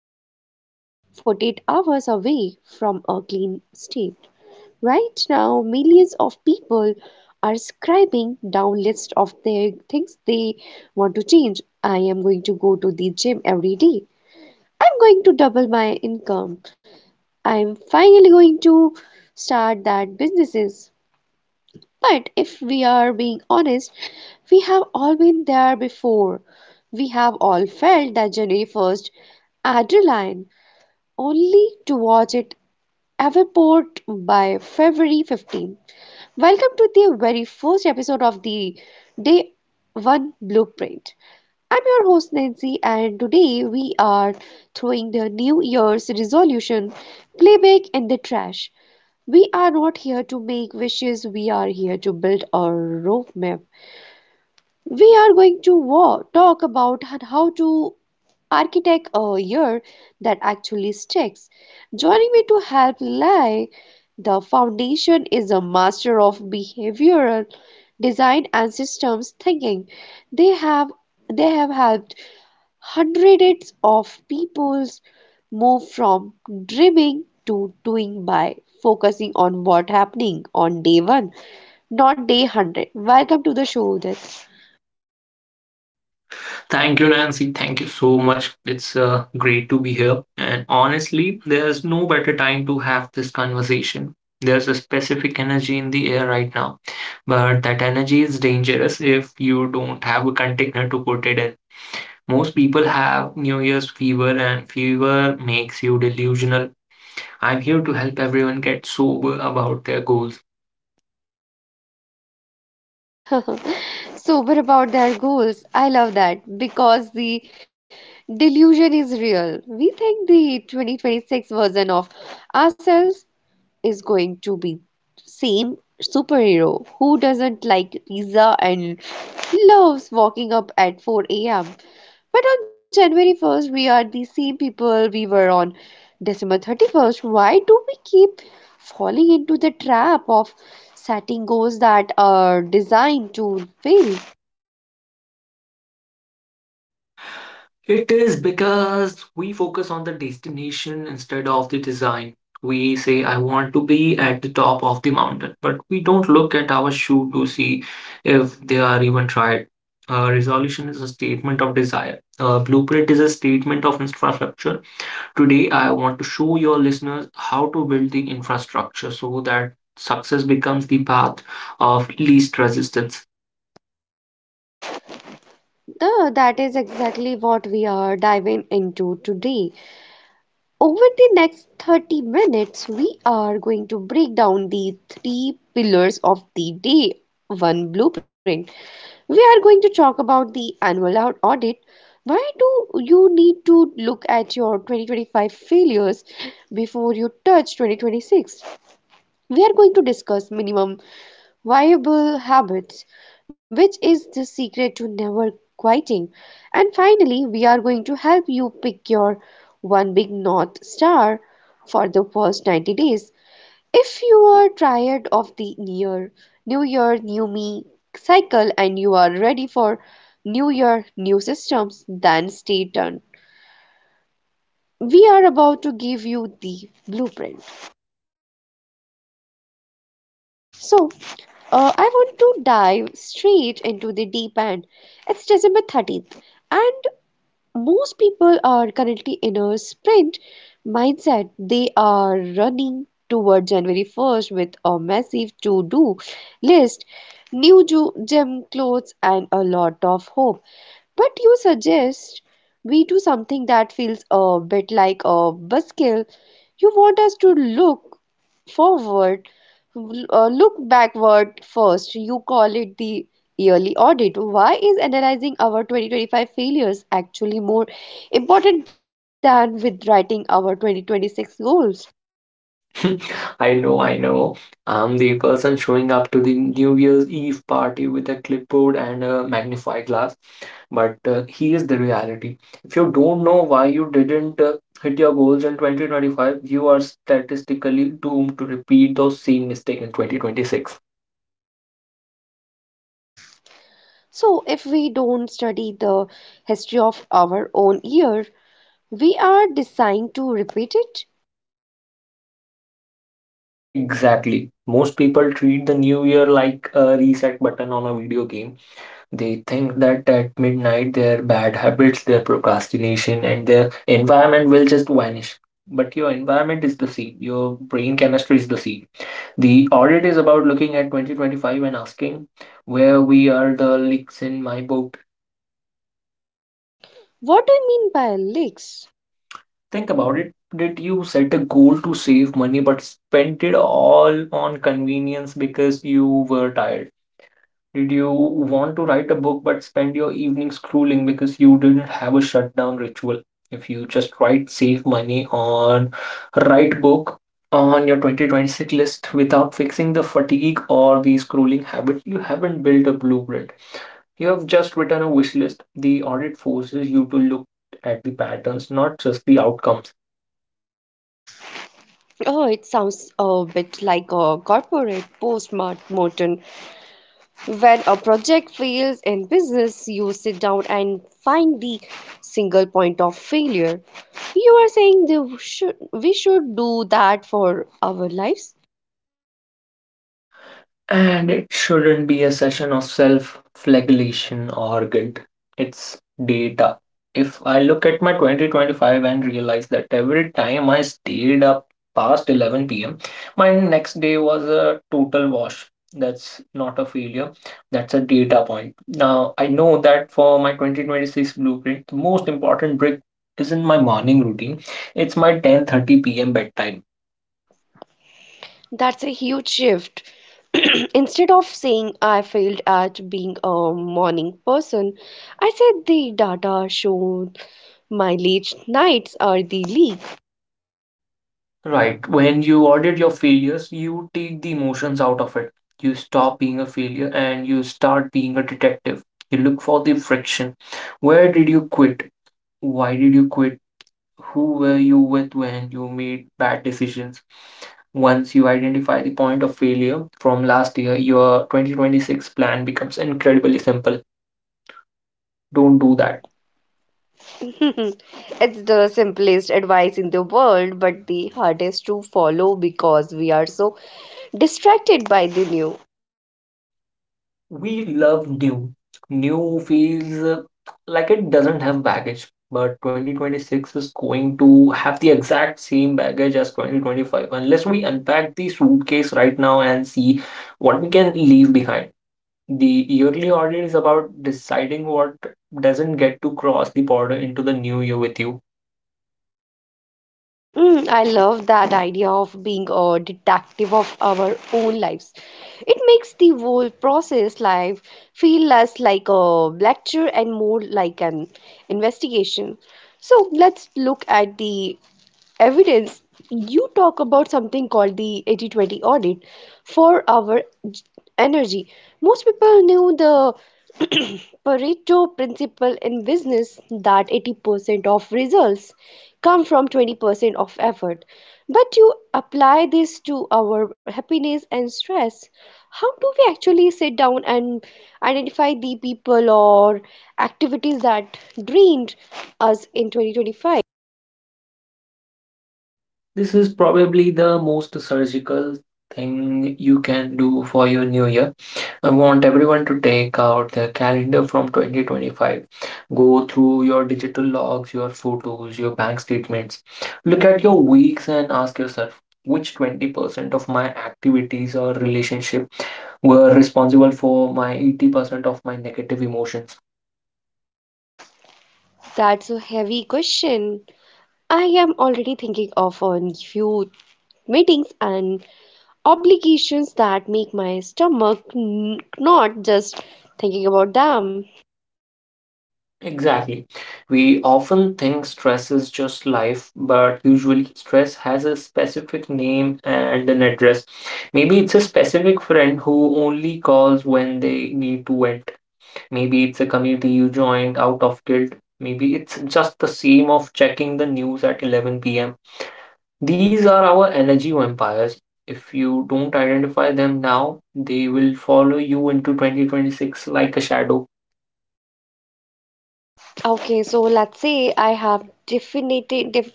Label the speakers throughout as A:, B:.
A: less than 48 hours away from a clean state. Right now, millions of people are scribing down lists of their things they want to change. I am going to go to the gym every day. I'm going to double my income. I'm finally going to start that businesses. But if we are being honest, we have all been there before. We have all felt that January 1st adrenaline only to watch it evaporate by February 15th. Welcome to the very first episode of the Day 1 Blueprint. I'm your host Nancy, and today we are throwing the New Year's resolution playback in the trash. We are not here to make wishes, we are here to build a roadmap. We are going to talk about how to architect a year that actually sticks. Joining me to help Lai, the foundation is a master of behavioral design and systems thinking. They have they have helped hundreds of peoples move from dreaming to doing by focusing on what happening on day one, not day 100. Welcome to the show, Udit.
B: Thank you, Nancy. Thank you so much. It's great to be here. And honestly, there's no better time to have this conversation. There's a specific energy in the air right now, but that energy is dangerous if you don't have a container to put it in. Most people have New Year's fever, and fever makes you delusional. I'm here to help everyone get sober about their goals.
A: Sober about their goals. I love that because the delusion is real. We think the 2026 version of ourselves is going to be same superhero who doesn't like pizza and loves walking up at 4 a.m. But on January 1st, we are the same people we were on December 31st. Why do we keep falling into the trap of setting goals that are designed to fail?
B: It is because we focus on the destination instead of the design. We say, I want to be at the top of the mountain, but we don't look at our shoe to see if they are even tried. Resolution is a statement of desire. Blueprint is a statement of infrastructure. Today, I want to show your listeners how to build the infrastructure so that success becomes the path of least resistance.
A: No, that is exactly what we are diving into today. Over the next 30 minutes, we are going to break down the three pillars of the day one blueprint. We are going to talk about the annual audit. Why do you need to look at your 2025 failures before you touch 2026? We are going to discuss minimum viable habits, which is the secret to never quitting. And finally, we are going to help you pick your one big North Star for the first 90 days. If you are tired of the year, new me cycle, and you are ready for new year, new systems, then stay tuned. We are about to give you the blueprint. So, I want to dive straight into the deep end. It's December 13th, and most people are currently in a sprint mindset. They are running toward January 1st with a massive to do list, new gym clothes, and a lot of hope. But you suggest we do something that feels a bit like a buskill. You want us to look forward, look backward first. You call it the yearly audit. Why is analyzing our 2025 failures actually more important than with writing our 2026 goals?
B: I know. I'm the person showing up to the New Year's Eve party with a clipboard and a magnify glass. But here's the reality. If you don't know why you didn't hit your goals in 2025, you are statistically doomed to repeat those same mistakes in 2026.
A: So, if we don't study the history of our own year, we are designed to repeat it.
B: Exactly. Most people treat the new year like a reset button on a video game. They think that at midnight their bad habits, their procrastination, and their environment will just vanish. But your environment is the seed, your brain chemistry is the seed. The audit is about looking at 2025 and asking where we are the leaks in my boat.
A: What do you mean by leaks?
B: Think about it. Did you set a goal to save money but spent it all on convenience because you were tired? Did you want to write a book but spend your evening scrolling because you didn't have a shutdown ritual? If you just write save money on write book on your 2026 list without fixing the fatigue or the scrolling habit, you haven't built a blueprint. You have just written a wish list. The audit forces you to look at the patterns, not just the outcomes.
A: Oh, it sounds a bit like a corporate post-mortem. When a project fails in business, you sit down and find the single point of failure. You are saying they should, we should do that for our lives?
B: And it shouldn't be a session of self flagellation or guilt. It's data. If I look at my 2025 and realize that every time I stayed up past 11 p.m., my next day was a total wash. That's not a failure, that's a data point. Now, I know that for my 2026 blueprint, the most important brick isn't my morning routine, it's my 10:30 p.m. bedtime.
A: That's a huge shift. Instead of saying I failed at being a morning person, I said the data showed my late nights are the leak.
B: Right. When you audit your failures, you take the emotions out of it. You stop being a failure and you start being a detective. You look for the friction. Where did you quit? Why did you quit? Who were you with when you made bad decisions? Once you identify the point of failure from last year, your 2026 plan becomes incredibly simple. Don't do that.
A: It's the simplest advice in the world, but the hardest to follow because we are so distracted by the new.
B: We love new. New feels like it doesn't have baggage, but 2026 is going to have the exact same baggage as 2025 unless we unpack the suitcase right now and see what we can leave behind. The yearly audit is about deciding what doesn't get to cross the border into the new year with you.
A: Mm, I love that idea of being a detective of our own lives. It makes the whole process life feel less like a lecture and more like an investigation. So let's look at the evidence, you talk about something called the 80/20 audit for our j- energy. Most people knew the Pareto principle in business that 80% of results come from 20% of effort. But you apply this to our happiness and stress. How do we actually sit down and identify the people or activities that drained us in 2025?
B: This is probably the most surgical thing you can do for your new year. I want everyone to take out their calendar from 2025. Go through your digital logs, your photos, your bank statements. Look at your weeks and ask yourself which 20% of my activities or relationship were responsible for my 80% of my negative emotions.
A: That's a heavy question. I am already thinking of a few meetings and obligations that make my stomach not just thinking about them.
B: Exactly. We often think stress is just life, but usually stress has a specific name and an address. Maybe it's a specific friend who only calls when they need to vent. Maybe it's a community you joined out of guilt. Maybe it's just the same of checking the news at 11 p.m. These are our energy vampires. If you don't identify them now, they will follow you into 2026 like a shadow.
A: Okay, so let's say I have definitive def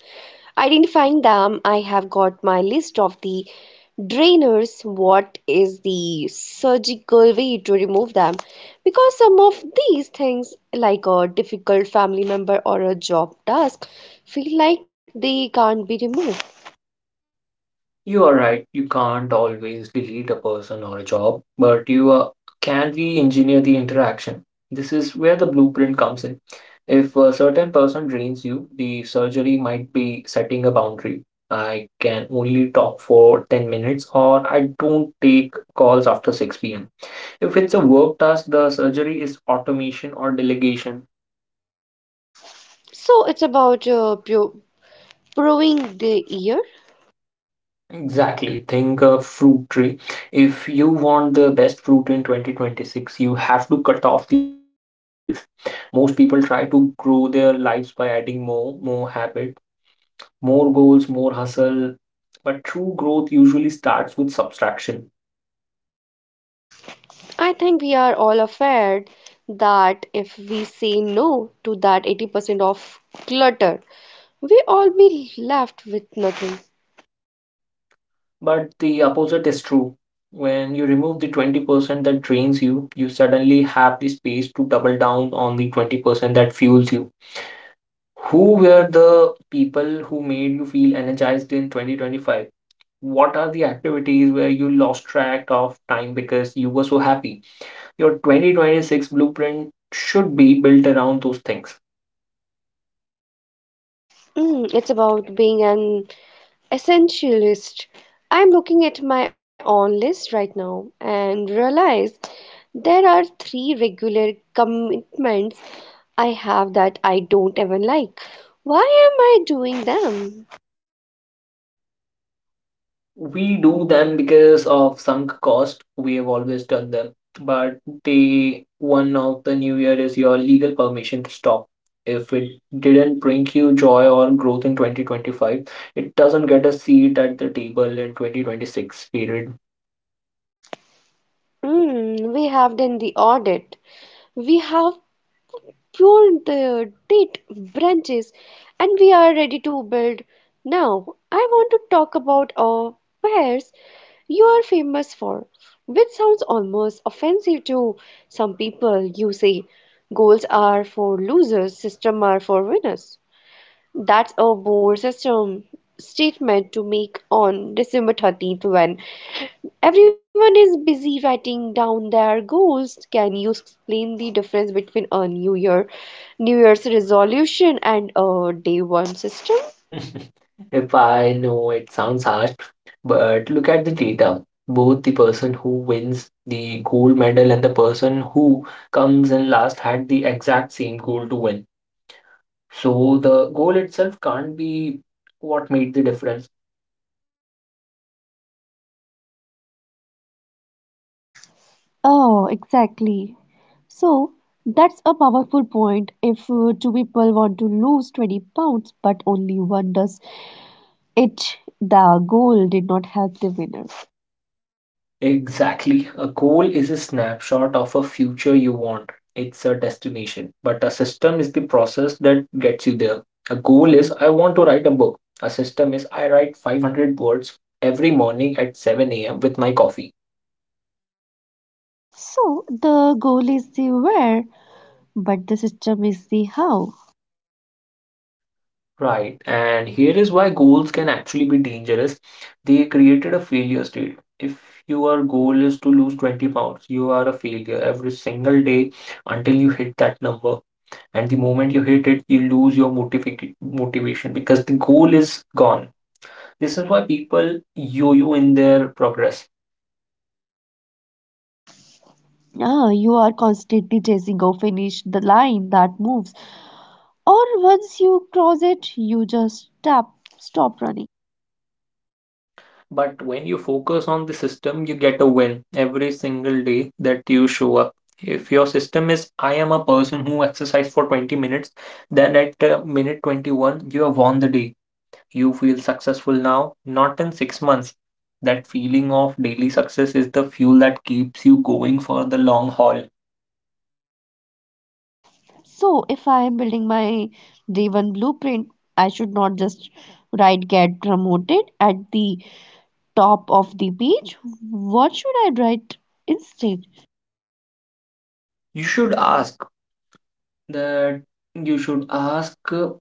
A: identifying them. I have got my list of the drainers. What is the surgical way to remove them? Because some of these things, like a difficult family member or a job task, feel like they can't be removed.
B: You are right. You can't always delete a person or a job, but you can re-engineer the interaction. This is where the blueprint comes in. If a certain person drains you, the surgery might be setting a boundary. I can only talk for 10 minutes, or I don't take calls after 6 p.m. If it's a work task, the surgery is automation or delegation.
A: So it's about proving the ear.
B: Exactly. Think a fruit tree. If you want the best fruit in 2026, you have to cut off the dead branches. Most people try to grow their lives by adding more, more habit, more goals, more hustle. But true growth usually starts with subtraction.
A: I think we are all aware that if we say no to that 80% of clutter, we all be left with nothing.
B: But the opposite is true. When you remove the 20% that drains you, you suddenly have the space to double down on the 20% that fuels you. Who were the people who made you feel energized in 2025? What are the activities where you lost track of time because you were so happy? Your 2026 blueprint should be built around those things.
A: Mm, it's about being an essentialist. I'm looking at my own list right now and realize there are three regular commitments I have that I don't even like. Why am I doing them?
B: We do them because of sunk cost. We have always done them. But day one of the new year is your legal permission to stop. If it didn't bring you joy or growth in 2025, it doesn't get a seat at the table in 2026, period.
A: Mm, we have done the audit. We have pruned the date branches and we are ready to build. Now, I want to talk about our wares you are famous for, which sounds almost offensive to some people. You say goals are for losers, system are for winners. That's a bold system statement to make on December 13th when everyone is busy writing down their goals. Can you explain the difference between a New Year, New Year's resolution and a day one system?
B: If I know it sounds harsh, but look at the data. Both the person who wins the gold medal and the person who comes in last had the exact same goal to win. So the goal itself can't be what made the difference.
A: Oh, exactly. So that's a powerful point. If two people want to lose 20 pounds but only one does it, the goal did not help the winner.
B: Exactly. A goal is a snapshot of a future you want. It's a destination. But a system is the process that gets you there. A goal is I want to write a book. A system is I write 500 words every morning at 7 a.m. with my coffee.
A: So the goal is the where, but the system is the how.
B: Right, and here is why goals can actually be dangerous. They created a failure state. If your goal is to lose 20 pounds, you are a failure every single day until you hit that number. And the moment you hit it, you lose your motivation because the goal is gone. This is why people yo yo in their progress.
A: Ah, you are constantly chasing or finish the line that moves, or once you cross it, you just tap, stop running.
B: But when you focus on the system, you get a win every single day that you show up. If your system is, I am a person who exercise for 20 minutes, then at minute 21, you have won the day. You feel successful now, not in 6 months. That feeling of daily success is the fuel that keeps you going for the long haul.
A: So, if I am building my day one blueprint, I should not just write get promoted at the top of the page. What should I write instead?
B: You should ask That you should ask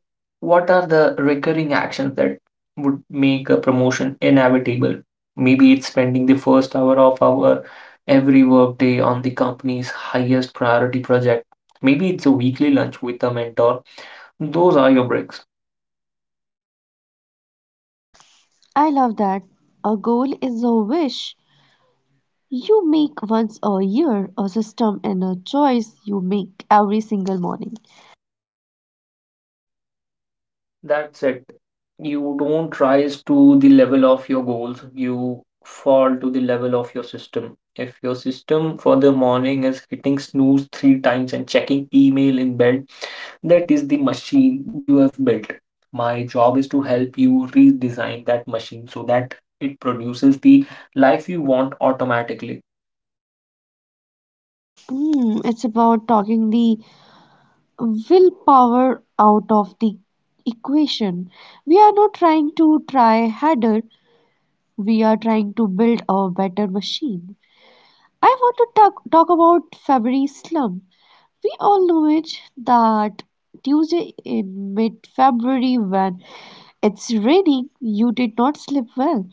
B: What are the recurring actions that would make a promotion inevitable? Maybe it's spending the first hour of our every workday on the company's highest priority project. Maybe it's a weekly lunch with a mentor. Those are your breaks.
A: I love that. A goal is a wish you make once a year, a system and a choice you make every single morning.
B: That's it. You don't rise to the level of your goals, you fall to the level of your system. If your system for the morning is hitting snooze three times and checking email in bed, that is the machine you have built. My job is to help you redesign that machine so that it produces the life you want automatically.
A: Hmm, it's about talking the willpower out of the equation. We are not trying to try harder, we are trying to build a better machine. I want to talk about February slump. We all know it that Tuesday in mid February when it's raining, you did not sleep well.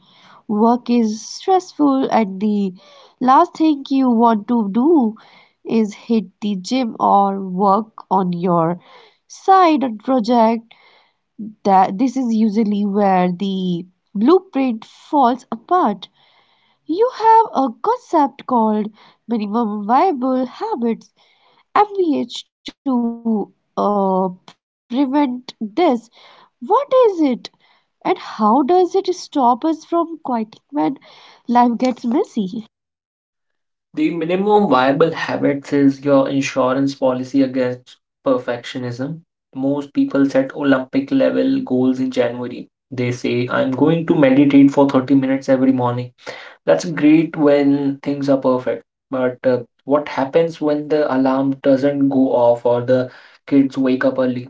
A: Work is stressful, and the last thing you want to do is hit the gym or work on your side project. That this is usually where the blueprint falls apart. You have a concept called minimum viable habits MVH to prevent this. What is it and how does it stop us from quitting when life gets messy?
B: The minimum viable habits is your insurance policy against perfectionism. Most people set Olympic level goals in January. They say, I'm going to meditate for 30 minutes every morning. That's great when things are perfect. But what happens when the alarm doesn't go off or the kids wake up early?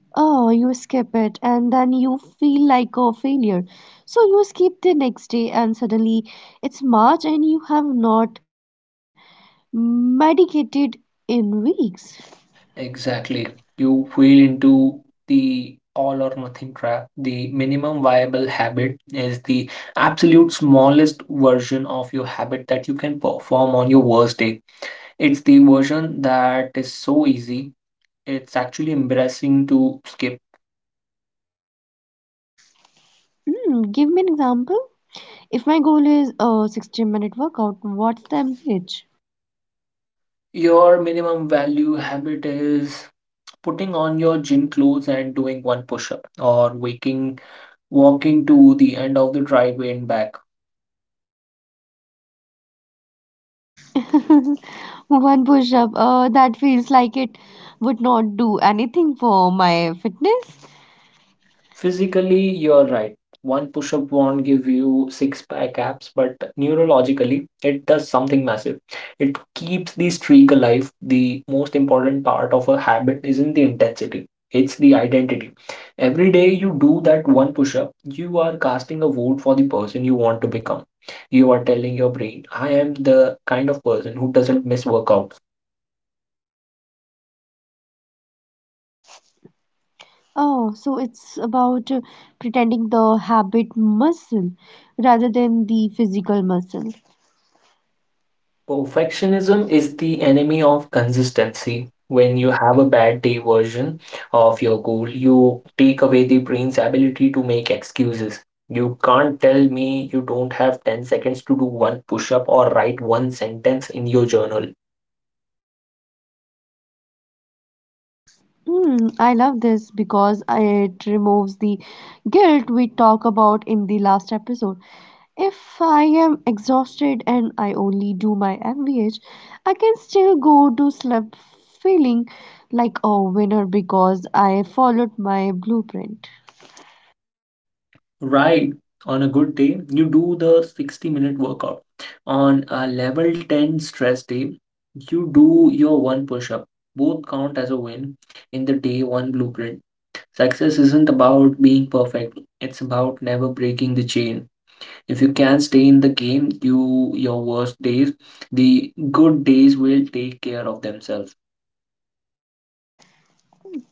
A: Oh, you skip it and then you feel like a failure. So you skip the next day and suddenly it's March and you have not medicated in weeks.
B: Exactly. You feel into the all or nothing trap. The minimum viable habit is the absolute smallest version of your habit that you can perform on your worst day. It's the version that is so easy, it's actually embarrassing to skip.
A: Hmm, give me an example. If my goal is a 60-minute workout, what's the MVH?
B: Your minimum value habit is putting on your gym clothes and doing one push up, or walking to the end of the driveway and back.
A: One push up. That feels like it would not do anything for my fitness.
B: Physically, you're right. One push up won't give you six pack abs, but neurologically, it does something massive. It keeps the streak alive. The most important part of a habit isn't the intensity, it's the identity. Every day you do that one push up, you are casting a vote for the person you want to become. You are telling your brain, I am the kind of person who doesn't miss workouts.
A: Oh, so it's about pretending the habit muscle rather than the physical muscle.
B: Perfectionism is the enemy of consistency. When you have a bad day version of your goal, you take away the brain's ability to make excuses. You can't tell me you don't have 10 seconds to do one push up or write one sentence in your journal.
A: Hmm, I love this because it removes the guilt we talked about in the last episode. If I am exhausted and I only do my MVH, I can still go to sleep feeling like a winner because I followed my blueprint.
B: Right. On a good day, you do the 60-minute workout. On a level 10 stress day, you do your one push up. Both count as a win in the day one blueprint. Success isn't about being perfect. It's about never breaking the chain. If you can stay in the game, you your worst days, the good days will take care of themselves.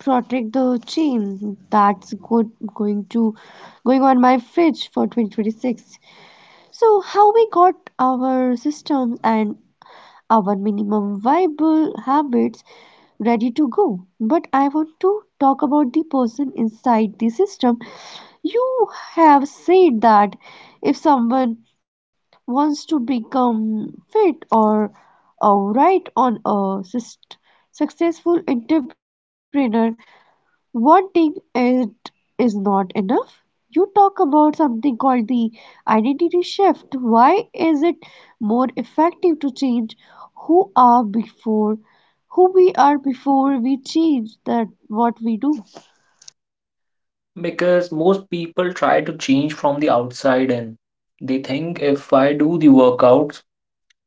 A: Protect the chain that's good going to going on my fridge for 2026. So how we got our systems and our minimum viable habits ready to go. But I want to talk about the person inside the system. You have said that if someone wants to become fit or uh, right on a successful entrepreneur one thing it is not enough. You talk about something called the identity shift. Why is it more effective to change who are before who we are before we change that what we do?
B: Because most people try to change from the outside in. They think if I do the workouts,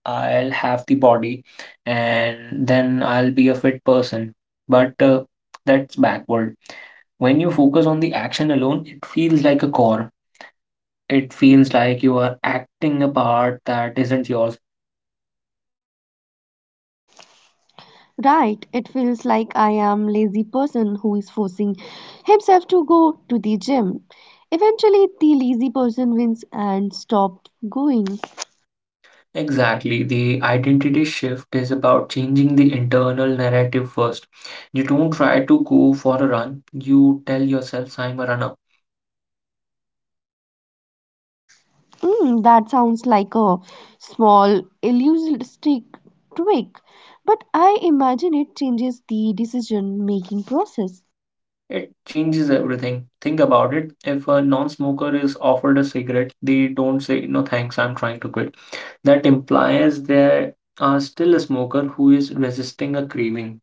B: I'll have the body and then I'll be a fit person. But That's backward. When you focus on the action alone, it feels like a chore. It feels like you are acting a part that isn't yours.
A: Right, it feels like I am lazy person who is forcing himself to go to the gym. Eventually the lazy person wins and stop going.
B: Exactly. The identity shift is about changing the internal narrative first. You don't try to go for a run, you tell yourself, I'm a runner.
A: Mm, that sounds like a small elusive tweak, but I imagine it changes the decision making process.
B: It changes everything. Think about it. If a non smoker is offered a cigarette, they don't say, no thanks, I'm trying to quit. That implies they are still a smoker who is resisting a craving.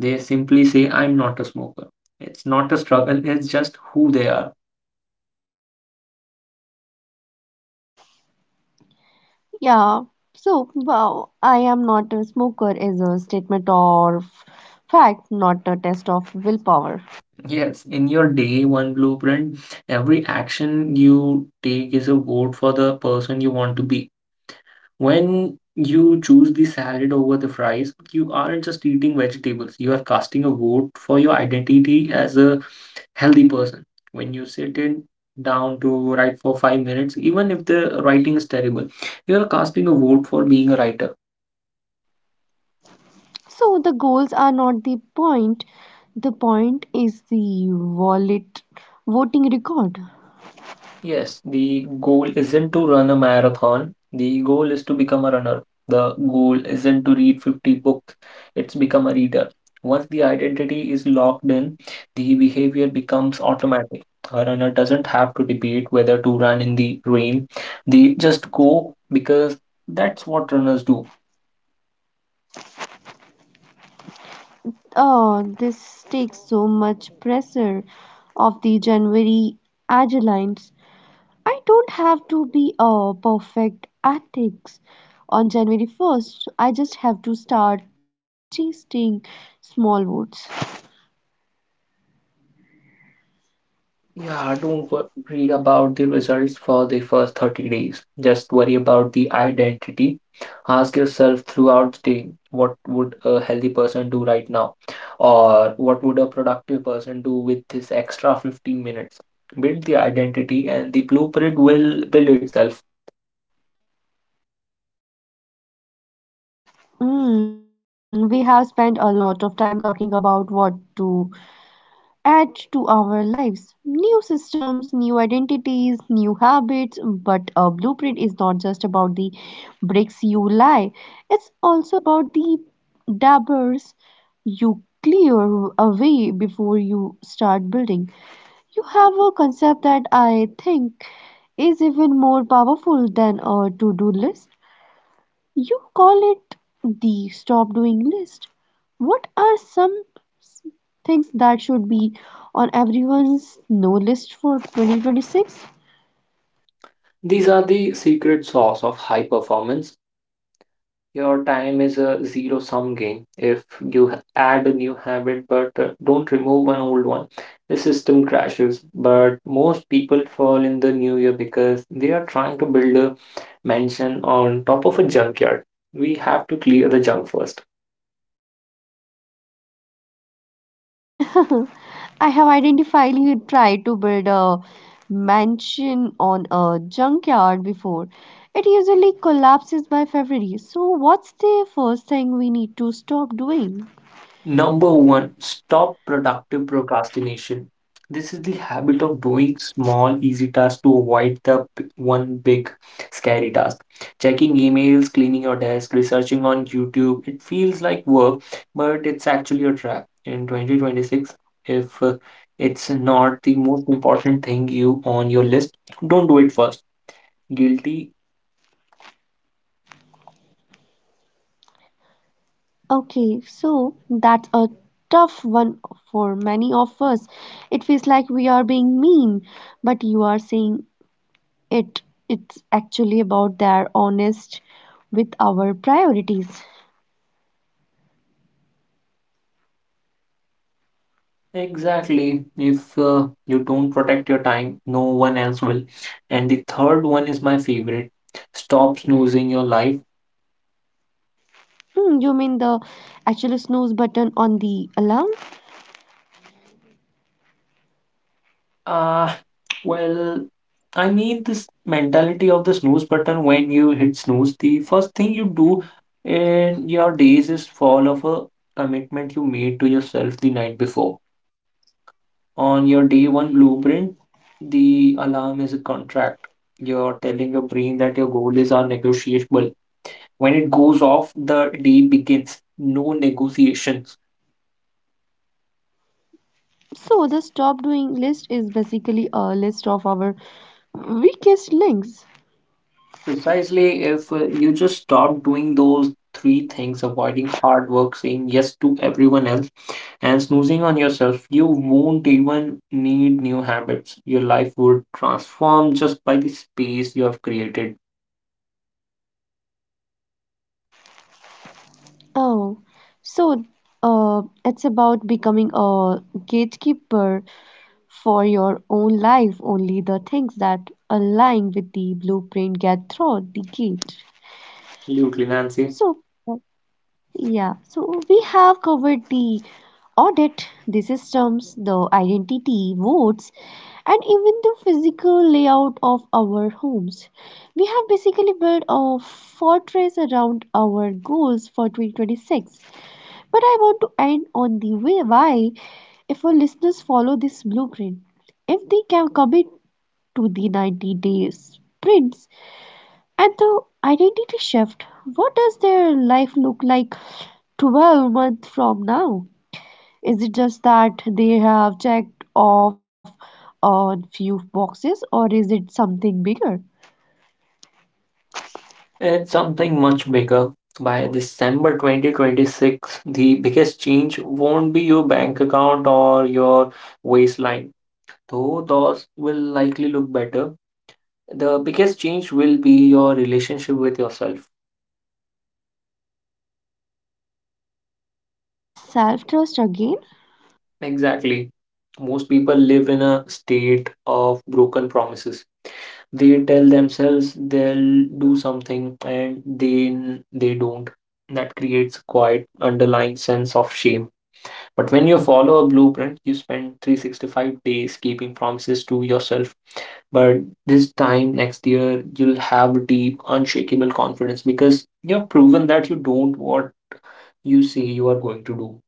B: They simply say, I'm not a smoker. It's not a struggle, it's just who they are.
A: Yeah, so wow, I am not a smoker is a statement of fact, not a test of willpower.
B: Yes, in your day one blueprint, every action you take is a vote for the person you want to be. When you choose the salad over the fries, you aren't just eating vegetables, you are casting a vote for your identity as a healthy person. When you sit in down to write for 5 minutes, even if the writing is terrible, you are casting a vote for being a writer.
A: So the goals are not the point, the point is the wallet voting record.
B: Yes, the goal isn't to run a marathon. The goal is to become a runner. The goal isn't to read 50 books. It's become a reader. Once the identity is locked in, the behavior becomes automatic. A runner doesn't have to debate whether to run in the rain. They just go because that's what runners do.
A: Oh, this takes so much pressure off the January Agilines. I don't have to be a perfect athlete on January 1st. I just have to start chasing small votes.
B: Yeah, don't wo- worry about the results for the first 30 days. Just worry about the identity. Ask yourself throughout the day, what would a healthy person do right now? Or what would a productive person do with this extra 15 minutes? Build the identity and the blueprint will build itself.
A: Mm, we have spent a lot of time talking about what to add to our lives. New systems, new identities, new habits, but a blueprint is not just about the bricks you lie, it's also about the dabbers you clear away before you start building. You have a concept that I think is even more powerful than a to do list you call it the stop doing list. What are some s- things that should be on everyone's no list for 2026?
B: These are the secret sauce of high performance. Your time is a zero sum game. If you h- add a new habit but don't remove an old one, the system crashes. But most people fall in the new year because they are trying to build a mansion on top of a junkyard. We have to clear the junk first.
A: I have identifiably tried to build a mansion on a junkyard before. It usually collapses by February. So, what's the first thing we need to stop doing?
B: Number one, stop productive procrastination. This is the habit of doing small, easy tasks to avoid one big, scary task. Checking emails, cleaning your desk, researching on YouTube. It feels like work, but it's actually a trap. In 2026, if it's not the most important thing you on your list, don't do it first. Guilty.
A: Okay, so that's a tough one for many of us. It feels like we are being mean, but you are saying it. It's actually about their honest with our priorities.
B: Exactly. If you don't protect your time, no one else will. And the third one is my favorite. Stop snoozing your life.
A: Hmm, you mean the actual snooze button on the alarm?
B: Ah, well, I mean this mentality of the snooze button. When you hit snooze, the first thing you do in your days is fall of a commitment you made to yourself the night before. On your day one blueprint, the alarm is a contract. You're telling your brain that your goal is are negotiable. When it goes off, the day begins. No negotiations.
A: So the stop doing list is basically a list of our weakest links.
B: Precisely. If you just stop doing those three things, avoiding hard work, saying yes to everyone else, and snoozing on yourself, you won't even need new habits. Your life would transform just by the space you have created.
A: Oh, so it's about becoming a gatekeeper for your own life. Only the things that align with the blueprint get through the gate.
B: Absolutely, Nancy.
A: So, uh, yeah, so we have covered the audit, the systems, the identity, votes, and even the physical layout of our homes. We have basically built a fortress around our goals for 2026. But I want to end on the way why, if our listeners follow this blueprint, if they can commit to the 90 days sprints and the identity shift, what does their life look like 12 months from now? Is it just that they have checked off on few boxes or is it something bigger?
B: It's something much bigger. By December 2026, the biggest change won't be your bank account or your waistline. Though those will likely look better, the biggest change will be your relationship with yourself.
A: Self trust again?
B: Exactly. Most people live in a state of broken promises. They tell themselves they'll do something and then they don't. That creates a quiet underlying sense of shame. But when you follow a blueprint, you spend 365 days keeping promises to yourself. But this time next year you'll have deep unshakable confidence because you have proven that you don't what you say you are going to do.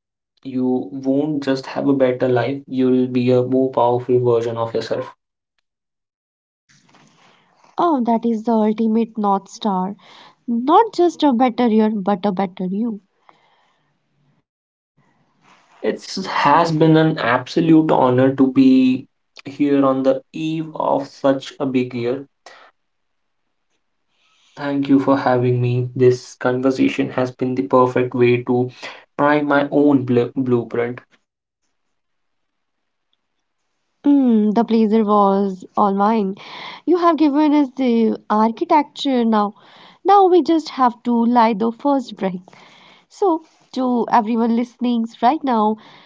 B: You won't just have a better life, you'll be a more powerful version of yourself.
A: Oh, that is the ultimate North Star. Not just a better year, but a better you.
B: It has been an absolute honor to be here on the eve of such a big year. Thank you for having me. This conversation has been the perfect way to try my own bl- blueprint.
A: Mm, the pleasure was all mine. You have given us the architecture now. Now we just have to light the first brick. So, to everyone listening right now,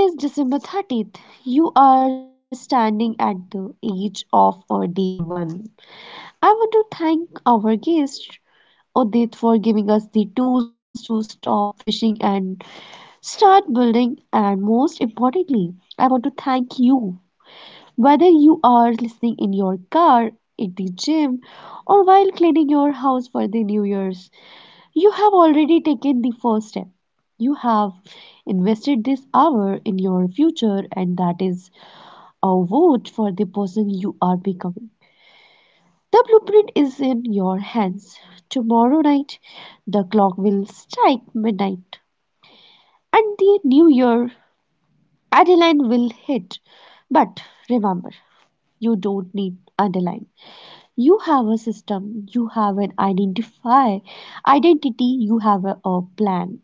A: it is December 30th. You are standing at the edge of a day one. I want to thank our guest, Odit, for giving us the tools to stop fishing and start building. And most importantly, I want to thank you. Whether you are listening in your car, at the gym, or while cleaning your house for the New Year's, you have already taken the first step. You have invested this hour in your future, and that is a vote for the person you are becoming. The blueprint is in your hands. Tomorrow night, the clock will strike midnight, and the new year, Adeline will hit. But remember, you don't need Adeline. You have a system, you have an identify identity, you have a plan.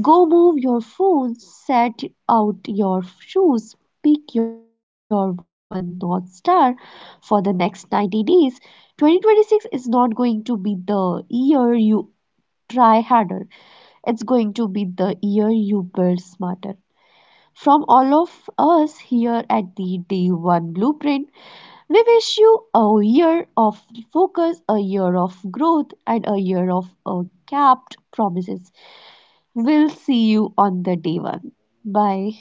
A: Go move your phone, set out your shoes, pick your one north star for the next 90 days. 2026 is not going to be the year you try harder. It's going to be the year you build smarter. From all of us here at the Day One Blueprint, we wish you a year of focus, a year of growth, and a year of capped promises. We'll see you on the day one. Bye.